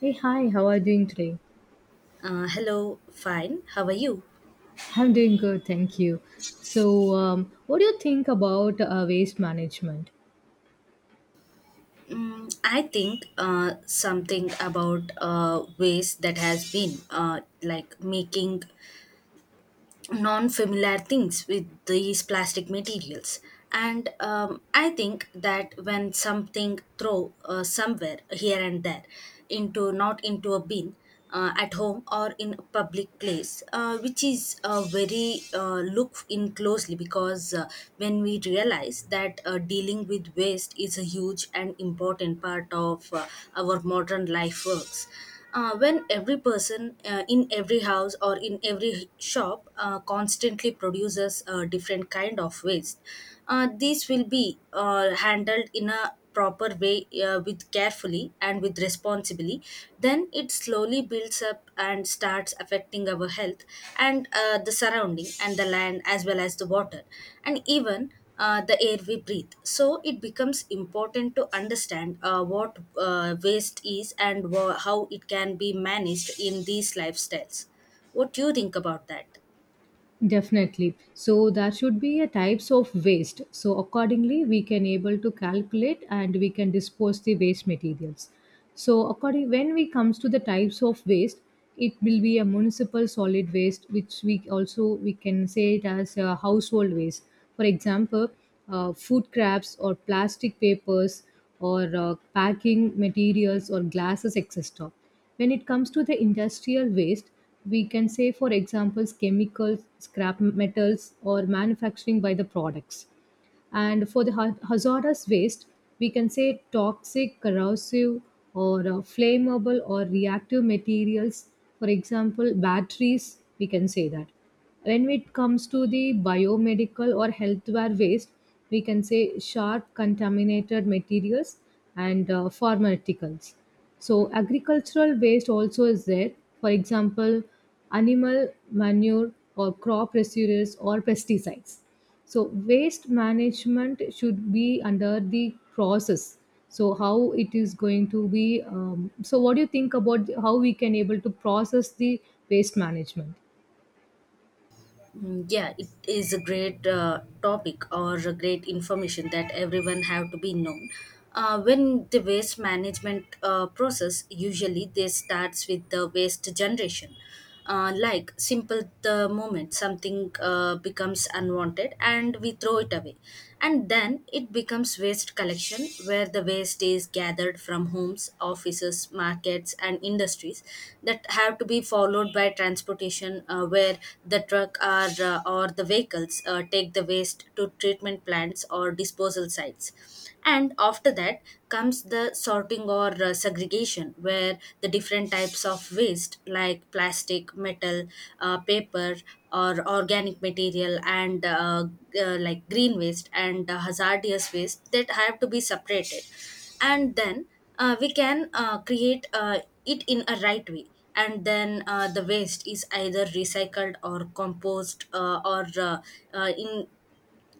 Hey, hi, how are you doing today? Hello, fine. How are you? I'm doing good, thank you. So, what do you think about waste management? Mm, I think something about waste that has been like making non familiar things with these plastic materials, and I think that when something throw somewhere here and there, into not into a bin at home or in a public place, which is a very look in closely, because when we realize that dealing with waste is a huge and important part of our modern life works. When every person in every house or in every shop constantly produces a different kind of waste, these will be handled in a proper way, with carefully and with responsibly, then it slowly builds up and starts affecting our health, and the surrounding and the land as well as the water, and even the air we breathe. So it becomes important to understand what waste is and how it can be managed in these lifestyles. What do you think about that? Definitely. So there should be a types of waste. So accordingly, we can able to calculate and we can dispose the waste materials. So according when we comes to the types of waste, it will be a municipal solid waste, which we also we can say it as a household waste. For example, food scraps or plastic papers or packing materials or glasses, etc. When it comes to the industrial waste, we can say for examples chemicals scrap metals or manufacturing by the products, and for the hazardous waste, we can say toxic, corrosive, or flammable or reactive materials. For example, batteries, we can say that. When it comes to the biomedical or healthware waste, we can say sharp contaminated materials and pharmaceuticals. So, agricultural waste also is there. For example, animal manure or crop residues or pesticides. So waste management should be under the process. So how it is going to be so what do you think about how we can able to process the waste management? Mm, yeah, it is a great topic or a great information that everyone have to be known. When the waste management process, usually this starts with the waste generation. Like simple, the moment something becomes unwanted and we throw it away, and then it becomes waste collection, where the waste is gathered from homes, offices, markets and industries. That have to be followed by transportation, where the truck or the vehicles take the waste to treatment plants or disposal sites. And after that comes the sorting or segregation, where the different types of waste, like plastic, metal, paper or organic material and like green waste and hazardous waste, that have to be separated. And then we can create it in a right way, and then the waste is either recycled or compost or in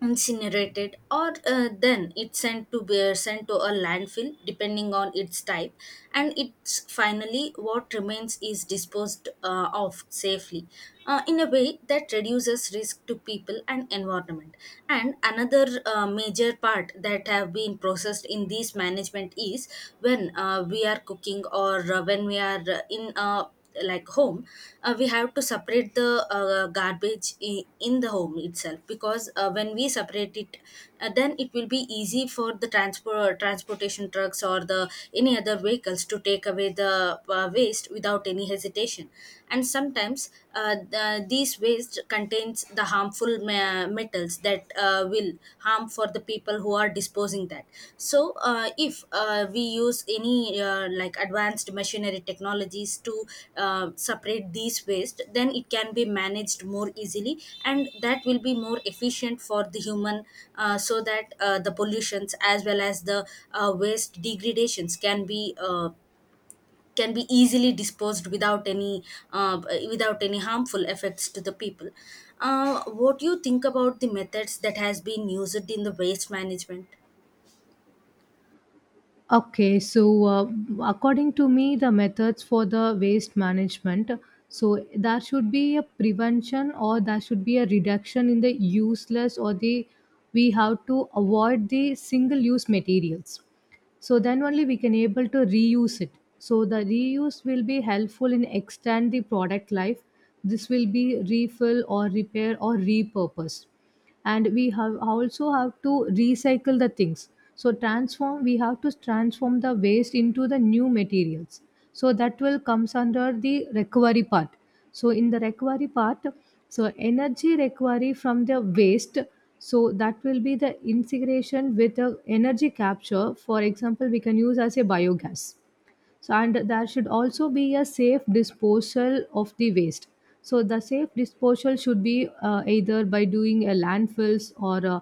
incinerated or then it's sent to a landfill depending on its type. And it's finally what remains is disposed of safely, in a way that reduces risk to people and environment. And another major part that have been processed in this management is when we are cooking or when we are in a like home, we have to separate the garbage in the home itself, because when we separate it, then it will be easy for the transportation trucks or the any other vehicles to take away the waste without any hesitation. And sometimes these waste contains the harmful metals that will harm for the people who are disposing that. So if we use any like advanced machinery technologies to separate these waste, then it can be managed more easily, and that will be more efficient for the human. So that the pollutions as well as the waste degradations uh, can be easily disposed without any uh, without any harmful effects to the people. What do you think about the methods that has been used in the waste management? Okay, so according to me, the methods for the waste management, so there should be a prevention or there should be a reduction in the useless or the we have to avoid the single use materials. So then only we can able to reuse it. So the reuse will be helpful in extend the product life. This will be refill or repair or repurpose, and we have also have to recycle the things. So transform, we have to transform the waste into the new materials, so that will comes under the recovery part. So in the recovery part, so energy recovery from the waste, so that will be the integration with the energy capture. For example, we can use as a biogas. So and there should also be a safe disposal of the waste. So the safe disposal should be either by doing a landfills or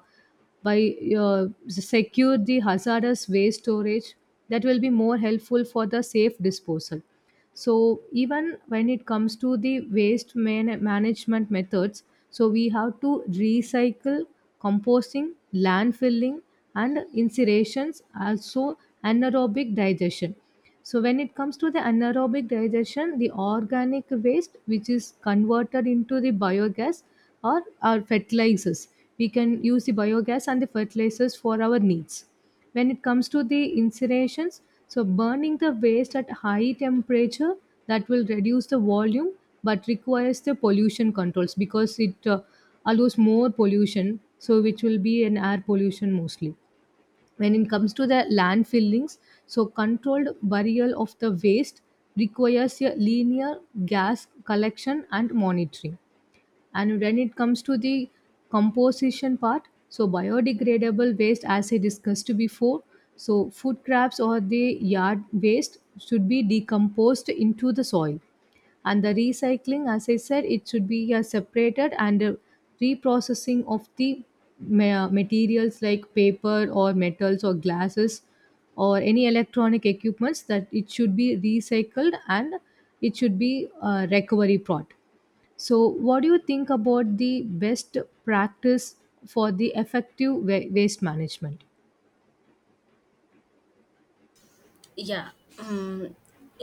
by secure the hazardous waste storage. That will be more helpful for the safe disposal. So even when it comes to the waste management methods, so we have to recycle, composting, landfilling, and incinerations also, anaerobic digestion. So when it comes to the anaerobic digestion, the organic waste which is converted into the biogas or our fertilizers, we can use the biogas and the fertilizers for our needs. When it comes to the incinerations, so burning the waste at high temperature, that will reduce the volume, but requires the pollution controls because it allows more pollution, so which will be an air pollution mostly. When it comes to the landfillings, so controlled burial of the waste requires a linear gas collection and monitoring. And when it comes to the composition part, so biodegradable waste as I discussed before, so food scraps or the yard waste should be decomposed into the soil. And the recycling, as I said, it should be separated and reprocessing of the materials like paper or metals or glasses or any electronic equipments, that it should be recycled and it should be a recovery pot. So, what do you think about the best practice for the effective waste management? Yeah. um,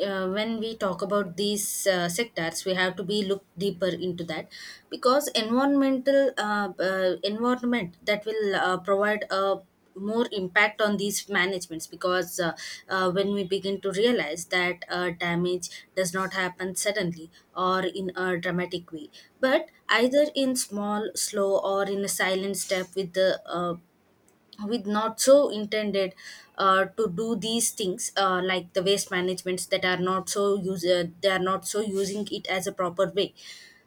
when we talk about these sectors, we have to be look deeper into that, because environment that will provide a more impact on these managements. Because when we begin to realize that damage does not happen suddenly or in a dramatic way, but either in small slow or in a silent step, with the with not so intended to do these things, like the waste managements that are not so use they are not so using it as a proper way,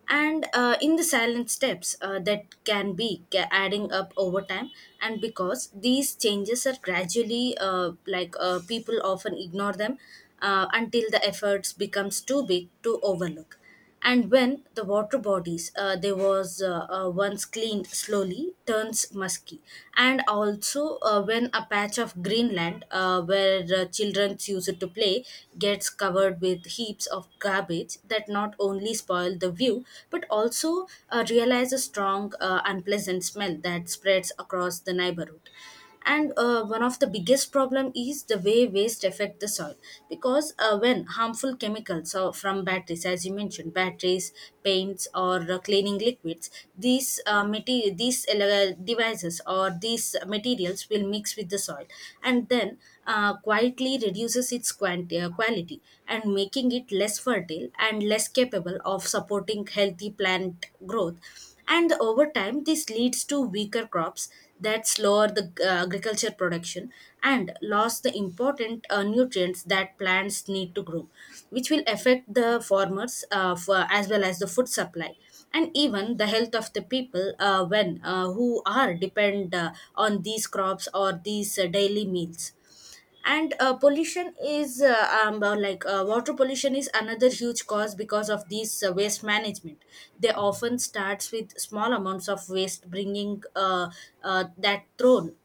and in the silent steps that can be adding up over time. And because these changes are gradually, people often ignore them until the efforts becomes too big to overlook. And when the water bodies they was once cleaned slowly turns musky, and also when a patch of greenland where children use it to play gets covered with heaps of garbage, that not only spoil the view but also realize a strong unpleasant smell that spreads across the neighborhood. And one of the biggest problem is the way waste affect the soil, because when harmful chemicals or from batteries, as you mentioned batteries, paints or cleaning liquids, these material these devices or these materials will mix with the soil, and then quietly reduces its quality, and making it less fertile and less capable of supporting healthy plant growth. And over time this leads to weaker crops, that slower the agriculture production, and loss the important nutrients that plants need to grow, which will affect the farmers as well as the food supply, and even the health of the people when who are depend on these crops or these daily meals. And pollution is like water pollution is another huge cause because of these waste management. They often starts with small amounts of waste bringing that thrown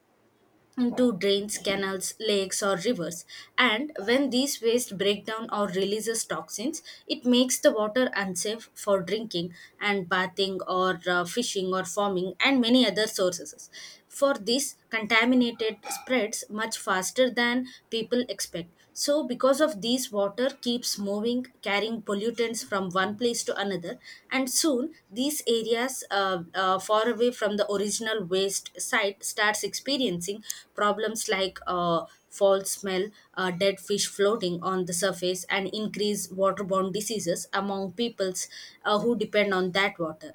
into drains, canals, lakes, or rivers. And when these waste break down or releases toxins, it makes the water unsafe for drinking and bathing or fishing or farming and many other sources. For this, contaminated spreads much faster than people expect. So, because of these, water keeps moving, carrying pollutants from one place to another, and soon these areas far away from the original waste site starts experiencing problems like foul smell, dead fish floating on the surface, and increased waterborne diseases among peoples who depend on that water.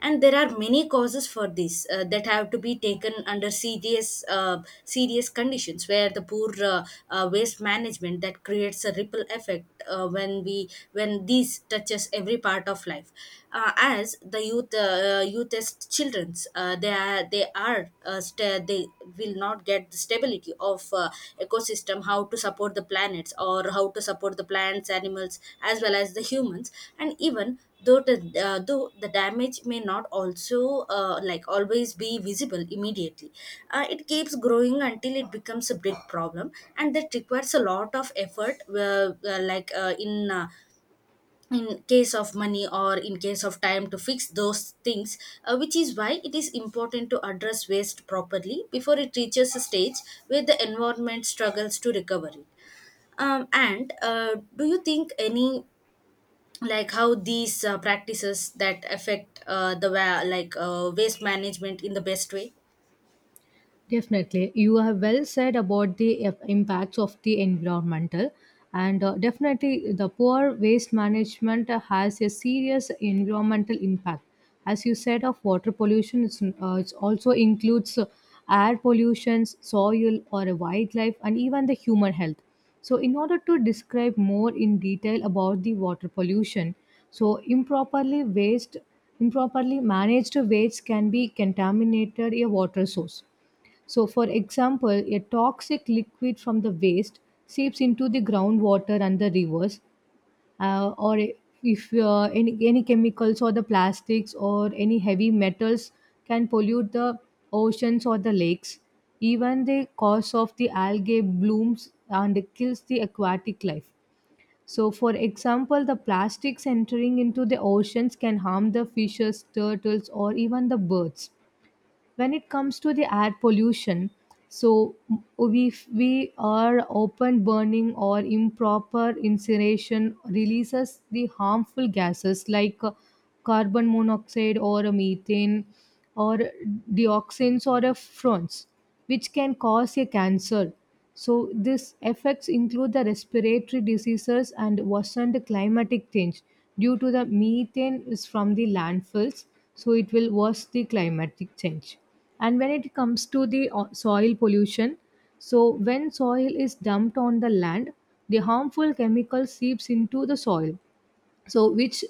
And there are many causes for this that have to be taken under serious conditions, where the poor waste management that creates a ripple effect when we when these touches every part of life, as the youth youth as children's, they are sta they will not get the stability of ecosystem, how to support the planets or how to support the plants, animals as well as the humans. And even though the though the damage may not also like always be visible immediately, it keeps growing until it becomes a big problem, and that requires a lot of effort, in case of money or in case of time to fix those things. Which is why it is important to address waste properly before it reaches a stage where the environment struggles to recover it. And do you think any like how these practices that affect like waste management in the best way? Definitely. You have well said about the impacts of the environmental, and definitely the poor waste management has a serious environmental impact. As you said of water pollution, it's, it also includes air pollution, soil or wildlife and even the human health. So in order to describe more in detail about the water pollution, so improperly managed waste can be contaminated a water source. So, for example, a toxic liquid from the waste seeps into the groundwater and the rivers, or if any chemicals or the plastics or any heavy metals can pollute the oceans or the lakes. Even the cause of the algae blooms and kills the aquatic life. So, for example, the plastics entering into the oceans can harm the fishes, turtles, or even the birds. When it comes to the air pollution, so we we are open burning or improper incineration releases the harmful gases like carbon monoxide or a methane or dioxins or a fronts, which can cause a cancer. So these effects include the respiratory diseases and worsened climatic change due to the methane is from the landfills. So it will worsen the climatic change. And when it comes to the soil pollution, so when soil is dumped on the land, the harmful chemical seeps into the soil, so which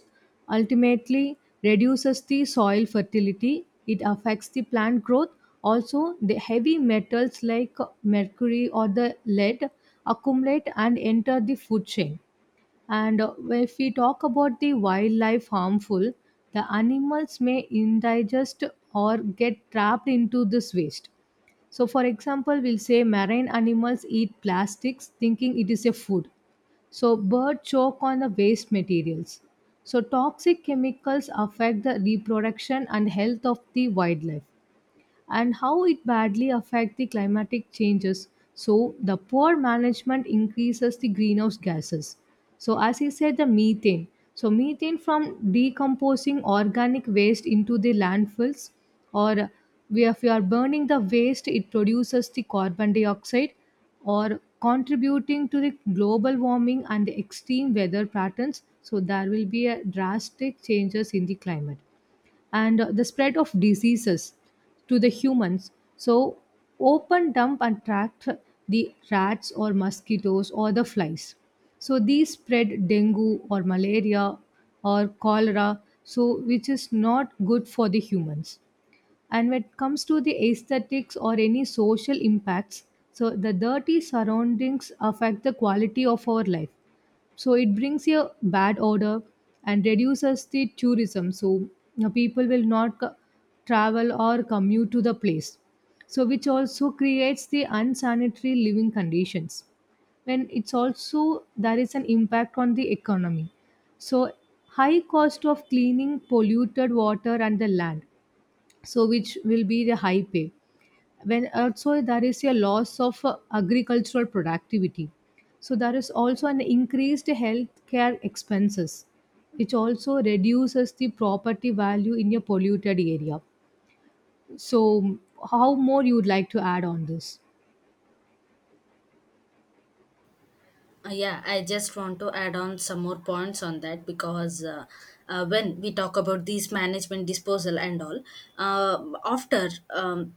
ultimately reduces the soil fertility. It affects the plant growth. Also the heavy metals like mercury or the lead accumulate and enter the food chain. And if we talk about the wildlife harmful, the animals may indigest or get trapped into this waste. So for example, we'll say marine animals eat plastics thinking it is a food. So birds choke on the waste materials. So toxic chemicals affect the reproduction and health of the wildlife. And how it badly affect the climatic changes, so the poor management increases the greenhouse gases. So as I said, the methane, so methane from decomposing organic waste into the landfills, or if you are burning the waste, it produces the carbon dioxide, or contributing to the global warming and the extreme weather patterns, so there will be a drastic changes in the climate. And the spread of diseases to the humans. So, open dump attract the rats or mosquitoes or the flies. So, these spread dengue or malaria or cholera, so which is not good for the humans. And when it comes to the aesthetics or any social impacts, so the dirty surroundings affect the quality of our life. So it brings a bad odor and reduces the tourism, so you know people will not travel or commute to the place, so which also creates the unsanitary living conditions. And it's also there is an impact on the economy, so high cost of cleaning polluted water and the land, so which will be the high pay, when also there is a loss of agricultural productivity. So there is also an increased healthcare expenses, which also reduces the property value in a polluted area. So how more you would like to add on this? Yeah, I just want to add on some more points on that, because when we talk about these management disposal and all, uh, after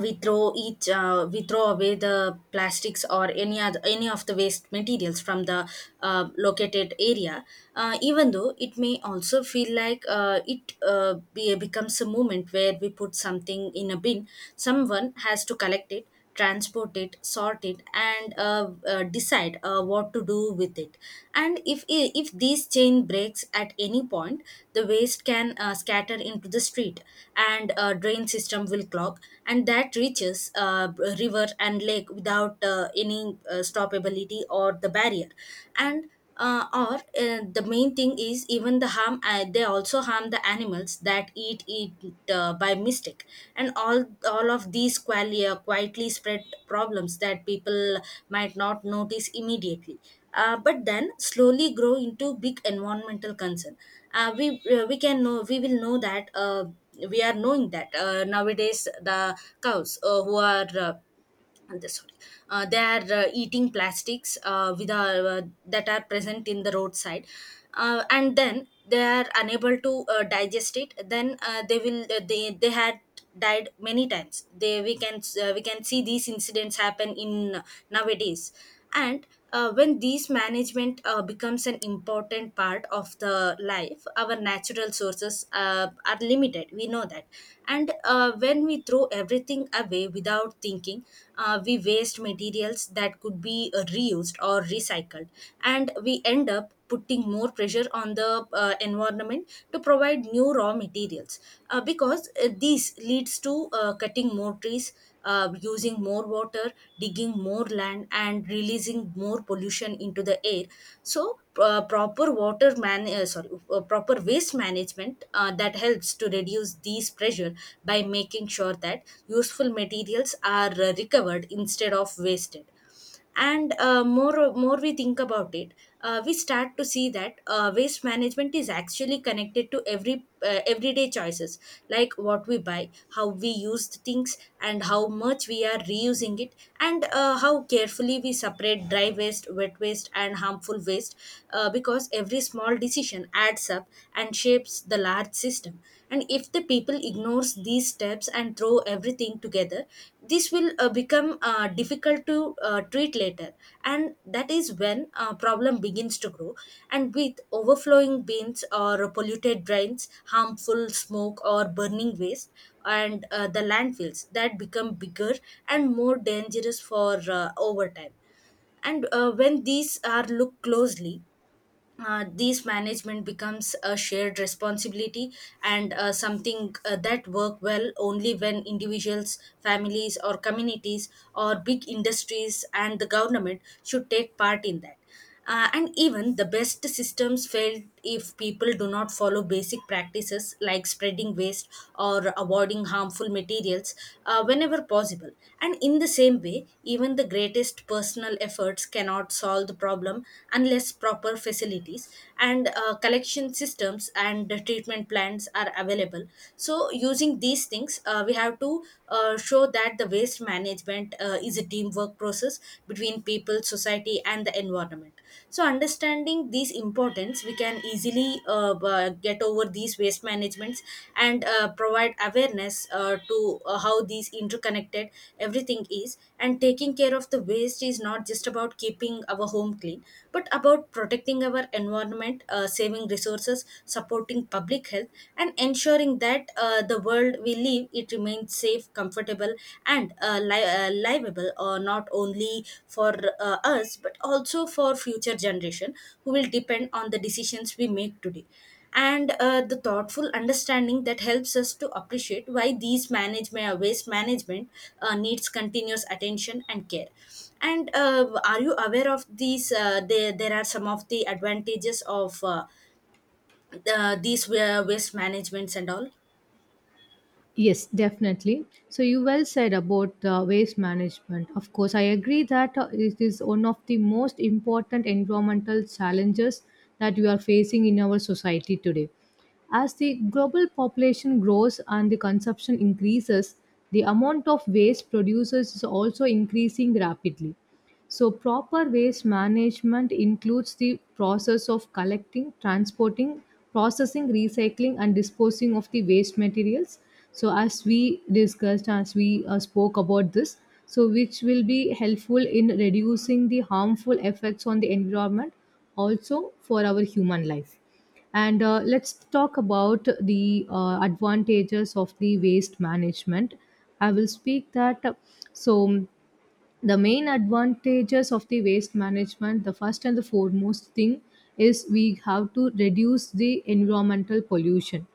we throw each we throw away the plastics or any other any of the waste materials from the located area. Even though it may also feel like becomes a moment where we put something in a bin, someone has to collect it, transport it, sort it, and decide what to do with it. And if this chain breaks at any point, the waste can scatter into the street, and drain system will clog, and that reaches river and lake without any stoppability or the barrier. And or the main thing is even the harm, they also harm the animals that eat it by mistake. And all of these quietly spread problems that people might not notice immediately, but then slowly grow into big environmental concern. Uh, we uh, we can know we will know that we are knowing that nowadays the cows who are and the- sorry, they are eating plastics with that are present in the roadside, and then they are unable to digest it. Then they will they had died many times. They we can see these incidents happen in nowadays. And when these management becomes an important part of the life, our natural sources are limited, we know that. And when we throw everything away without thinking, we waste materials that could be reused or recycled, and we end up putting more pressure on the environment to provide new raw materials, because this leads to cutting more trees, using more water, digging more land, and releasing more pollution into the air. So, uh, proper water man uh, sorry proper waste management that helps to reduce these pressure by making sure that useful materials are recovered instead of wasted. And more we think about it, we start to see that waste management is actually connected to every everyday choices, like what we buy, how we use the things, and how much we are reusing it, and how carefully we separate dry waste, wet waste, and harmful waste, because every small decision adds up and shapes the large system. And if the people ignores these steps and throw everything together, this will become difficult to treat later. And that is when problem begins to grow. And with overflowing bins or polluted drains, harmful smoke or burning waste, and the landfills that become bigger and more dangerous for over time. And when these are looked closely, these management becomes a shared responsibility, and something that work well only when individuals, families, or communities, or big industries and the government should take part in that. And even the best systems fail if people do not follow basic practices like spreading waste or avoiding harmful materials whenever possible. And in the same way, even the greatest personal efforts cannot solve the problem unless proper facilities and collection systems and the treatment plants are available. So, using these things, we have to show that the waste management is a teamwork process between people, society, and the environment. So, understanding these importance, we can easily get over these waste managements and provide awareness to how these interconnected everything is. And taking care of the waste is not just about keeping our home clean, but about protecting our environment, saving resources, supporting public health, and ensuring that the world we live it remains safe, comfortable, and livable, not only for us but also for future generation who will depend on the decisions we make today. And the thoughtful understanding that helps us to appreciate why these management waste management needs continuous attention and care. And are you aware of these? There are some of the advantages of waste managements and all. Yes, definitely. So you well said about waste management. Of course, I agree that it is one of the most important environmental challenges that we are facing in our society today. As the global population grows and the consumption increases, the amount of waste producers is also increasing rapidly. So, proper waste management includes the process of collecting, transporting, processing, recycling, and disposing of the waste materials. So, as we discussed, as we spoke about this, so which will be helpful in reducing the harmful effects on the environment, also for our human life. And let's talk about the advantages of the waste management. I will speak that. So, the main advantages of the waste management, the first and the foremost thing is we have to reduce the environmental pollution.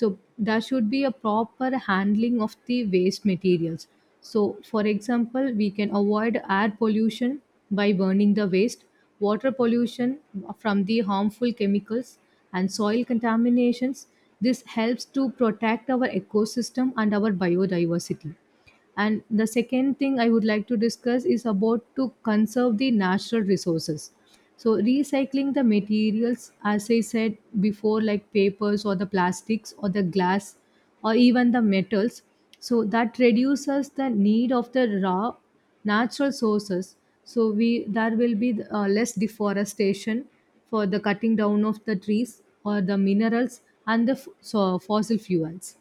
So there should be a proper handling of the waste materials. So for example, we can avoid air pollution by burning the waste, water pollution from the harmful chemicals, and soil contaminations. This helps to protect our ecosystem and our biodiversity. And the second thing I would like to discuss is about to conserve the natural resources. So recycling the materials, as I said before, like papers or the plastics or the glass or even the metals, so that reduces the need of the raw natural sources. So we, there will be less deforestation for the cutting down of the trees or the minerals and the so fossil fuels,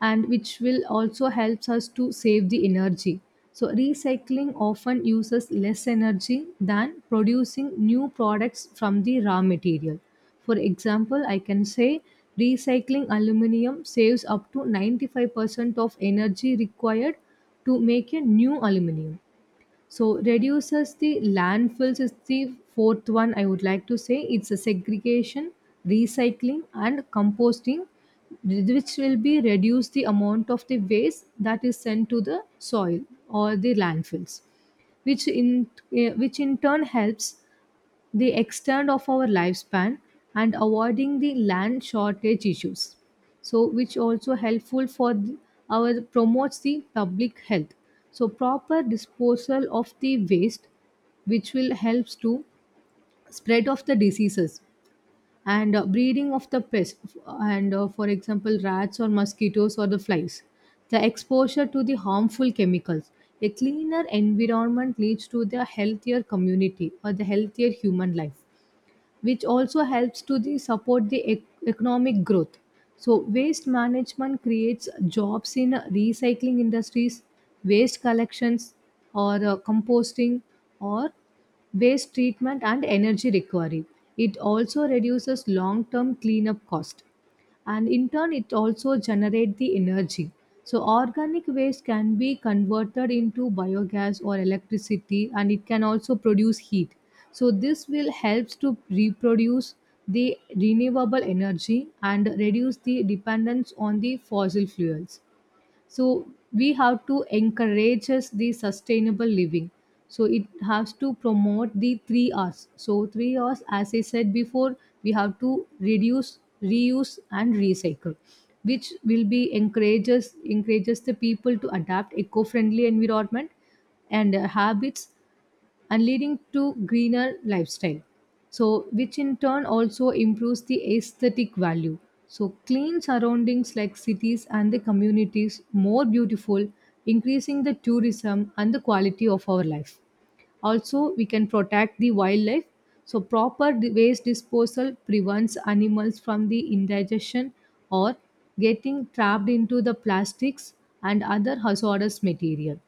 and which will also helps us to save the energy. So recycling often uses less energy than producing new products from the raw material. For example, I can say recycling aluminum saves up to 95% of energy required to make a new aluminum. So reduces the landfills is the fourth one I would like to say. It's a segregation, recycling, and composting, which will be reduce the amount of the waste that is sent to the soil or the landfills, which in which in turn helps the extent of our lifespan and avoiding the land shortage issues, so which also helpful for our promotes the public health. So proper disposal of the waste, which will helps to spread of the diseases and breeding of the pests, and for example rats or mosquitoes or the flies, the exposure to the harmful chemicals. A cleaner environment leads to the healthier community or the healthier human life, which also helps to the support the economic growth. So waste management creates jobs in recycling industries, waste collections, or composting, or waste treatment and energy recovery. It also reduces long term cleanup cost, and in turn it also generate the energy. So organic waste can be converted into biogas or electricity and it can also produce heat. So this will helps to reproduce the renewable energy and reduce the dependence on the fossil fuels. So we have to encourage us the sustainable living. So it has to promote the 3 r's, so 3 r's as I said before, we have to reduce, reuse and recycle, which will be encourages the people to adapt eco-friendly environment and habits, and leading to greener lifestyle. So which in turn also improves the aesthetic value, so clean surroundings like cities and the communities more beautiful, increasing the tourism and the quality of our life. Also we can protect the wildlife, so proper waste disposal prevents animals from the indigestion or getting trapped into the plastics and other hazardous material.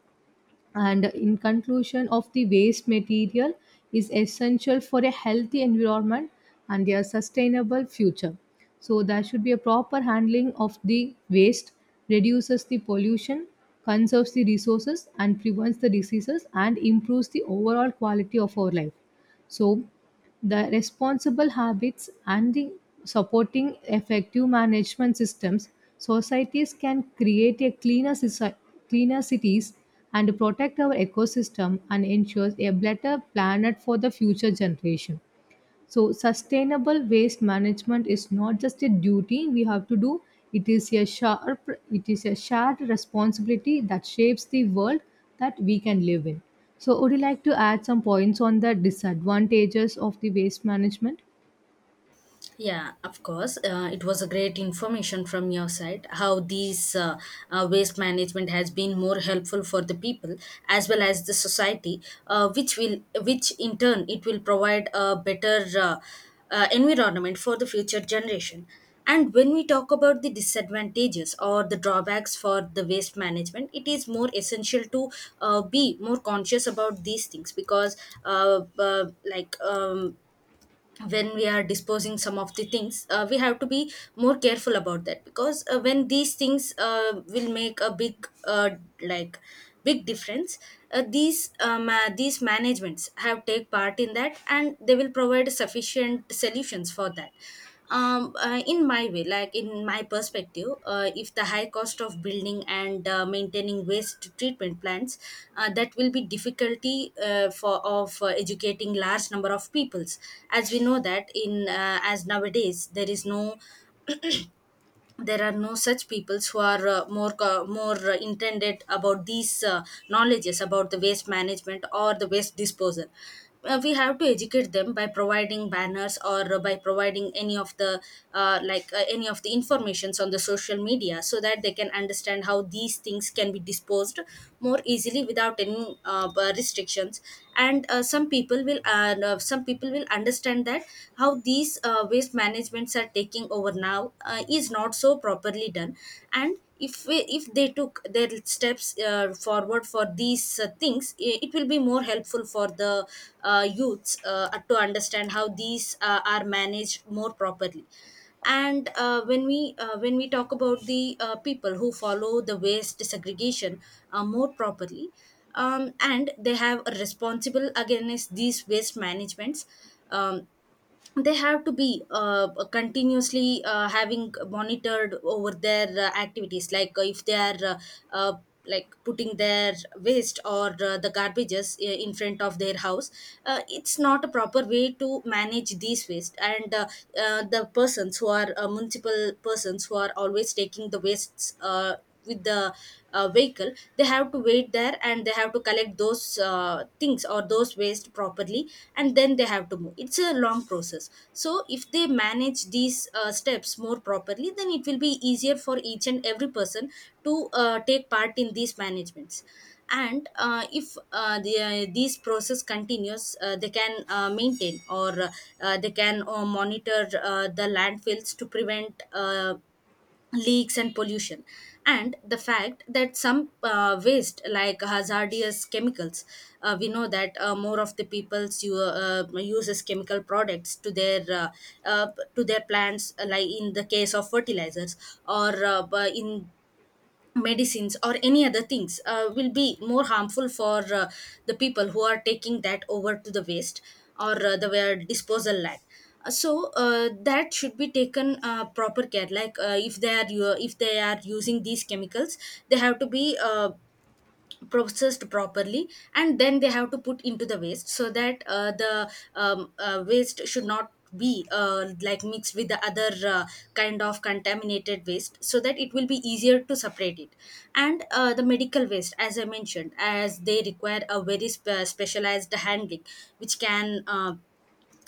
And in conclusion of the waste material is essential for a healthy environment and a sustainable future. So there should be a proper handling of the waste, reduces the pollution, conserves the resources and prevents the diseases and improves the overall quality of our life. So the responsible habits and the supporting effective management systems, societies can create a cleaner, cleaner cities and protect our ecosystem and ensure a better planet for the future generation. So, sustainable waste management is not just a duty we have to do, it is a shared responsibility that shapes the world that we can live in. So, would you like to add some points on the disadvantages of the waste management? Yeah, of course. It was a great information from your side how these waste management has been more helpful for the people as well as the society, which will which in turn it will provide a better environment for the future generation. And when we talk about the disadvantages or the drawbacks for the waste management, it is more essential to be more conscious about these things, because uh, uh, like, um, when we are disposing some of the things, we have to be more careful about that, because when these things will make a big like big difference. These managements have take part in that and they will provide sufficient solutions for that. In my way, like in my perspective, if the high cost of building and maintaining waste treatment plants, that will be difficulty for of educating large number of peoples. As we know that in as nowadays there are no such peoples who are more intended about these knowledges about the waste management or the waste disposal. We have to educate them by providing banners or by providing any of the any of the informations on the social media, so that they can understand how these things can be disposed more easily without any restrictions. And some people will understand that how these waste management governments are taking over now is not so properly done. And if we, if they took their steps forward for these things, it will be more helpful for the youths to understand how these are managed more properly. And when we talk about the people who follow the waste segregation more properly, and they have a responsible against these waste managements, um, they have to be continuously having monitored over their activities, like if they are uh, like putting their waste or the garbages in front of their house, it's not a proper way to manage these waste. And uh, uh, the persons who are municipal persons who are always taking the wastes with the vehicle, they have to wait there and they have to collect those things or those waste properly, and then they have to move. It's a long process, so if they manage these steps more properly, then it will be easier for each and every person to take part in these managements. And if the, these process continues, they can maintain or they can monitor the landfills to prevent leaks and pollution. And the fact that some waste like hazardous chemicals, we know that more of the peoples you uses chemical products uh, to their plants, like in the case of fertilizers or in medicines or any other things, will be more harmful for the people who are taking that over to the waste or the where disposal land. So that should be taken proper care, like if they are using these chemicals, they have to be uh, processed properly, and then they have to put into the waste, so that the waste should not be like mixed with the other kind of contaminated waste, so that it will be easier to separate it. And the medical waste, as I mentioned, as they require a very specialized handling, which can uh,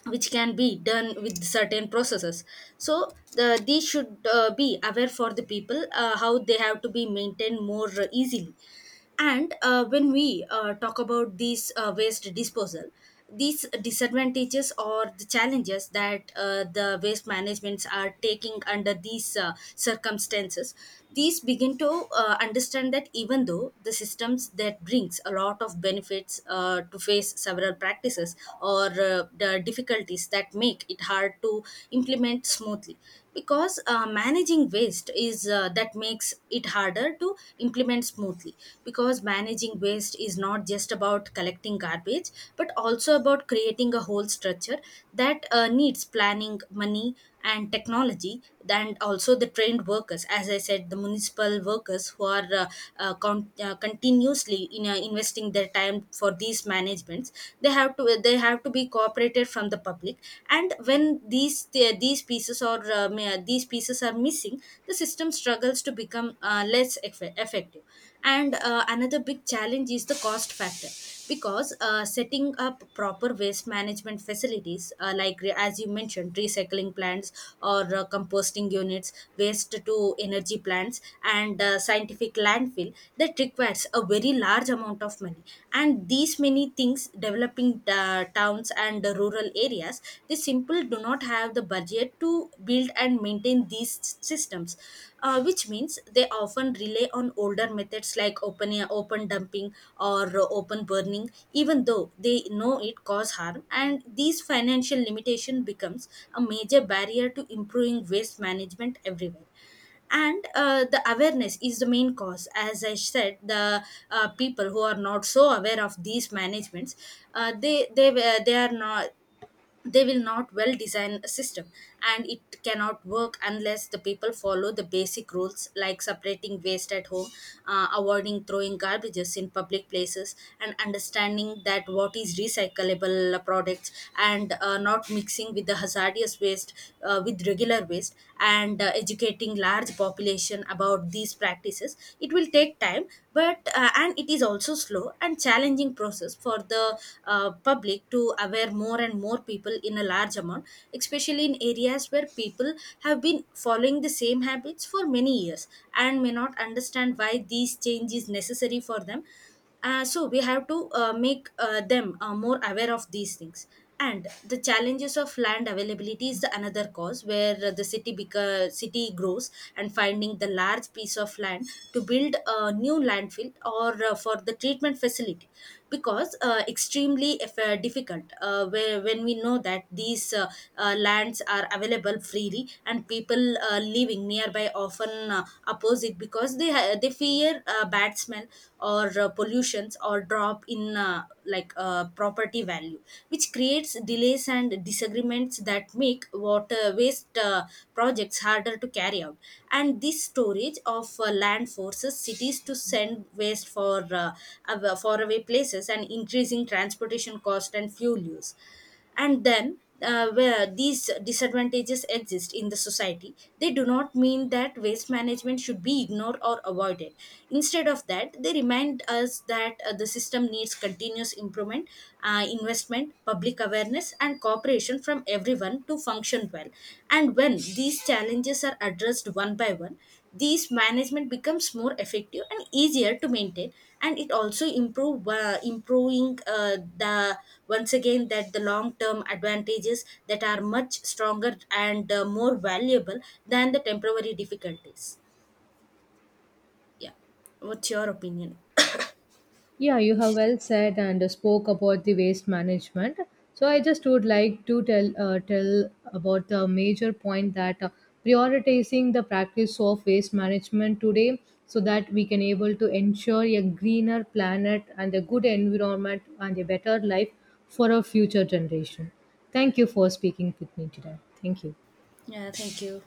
which can be done with certain processes, so these should be aware for the people how they have to be maintained more easily. And when we talk about these waste disposal, these disadvantages or the challenges that the waste managements are taking under these circumstances, these begin to understand that even though the systems that brings a lot of benefits to face several practices or the difficulties that make it hard to implement smoothly, because managing waste is that makes it harder to implement smoothly, because managing waste is not just about collecting garbage, but also about creating a whole structure that needs planning, money, and technology, and also the trained workers. As I said, the municipal workers who are continuously in investing their time for these managements, they have to be cooperated from the public. And when these these pieces or these pieces are missing, the system struggles to become effective. And another big challenge is the cost factor, because setting up proper waste management facilities, as you mentioned, recycling plants or composting units, waste to energy plants, and scientific landfill, that requires a very large amount of money. And these many things developing towns and the rural areas, they simple do not have the budget to build and maintain these systems, which means they often rely on older methods like open dumping or open burning, even though they know it cause harm. And these financial limitation becomes a major barrier to improving waste management everywhere. And the awareness is the main cause. As I said, the people who are not so aware of these managements, they are not, they will not well design a system, and it cannot work unless the people follow the basic rules like separating waste at home, avoiding throwing garbages in public places, and understanding that what is recyclable products, and not mixing with the hazardous waste with regular waste. And educating large population about these practices, it will take time, but and it is also slow and challenging process for the public to aware more and more people in a large amount, especially in areas where people have been following the same habits for many years and may not understand why these change is necessary for them. So we have to make them more aware of these things. And the challenges of land availability is the another cause, where the city grows and finding the large piece of land to build a new landfill or for the treatment facility, because extremely if, difficult when we know that these lands are available freely, and people living nearby often oppose it because they fear bad smell or pollutions, or drop in property value, which creates delays and disagreements that make water waste projects harder to carry out. And this storage of land forces cities to send waste for faraway places, and increasing transportation cost and fuel use. And then where these disadvantages exist in the society, they do not mean that waste management should be ignored or avoided. Instead of that, they remind us that the system needs continuous improvement, investment, public awareness, and cooperation from everyone to function well. And when these challenges are addressed one by one, these management becomes more effective and easier to maintain, and it also improve improving the once again that the long term advantages that are much stronger and more valuable than the temporary difficulties. Yeah, what's your opinion? Yeah, you have well said and spoke about the waste management. So I just would like to tell tell about the major point that prioritizing the practice of waste management today so that we can able to ensure a greener planet and a good environment and a better life for our future generation. Thank you for speaking with me today. Thank you. Yeah, thank you.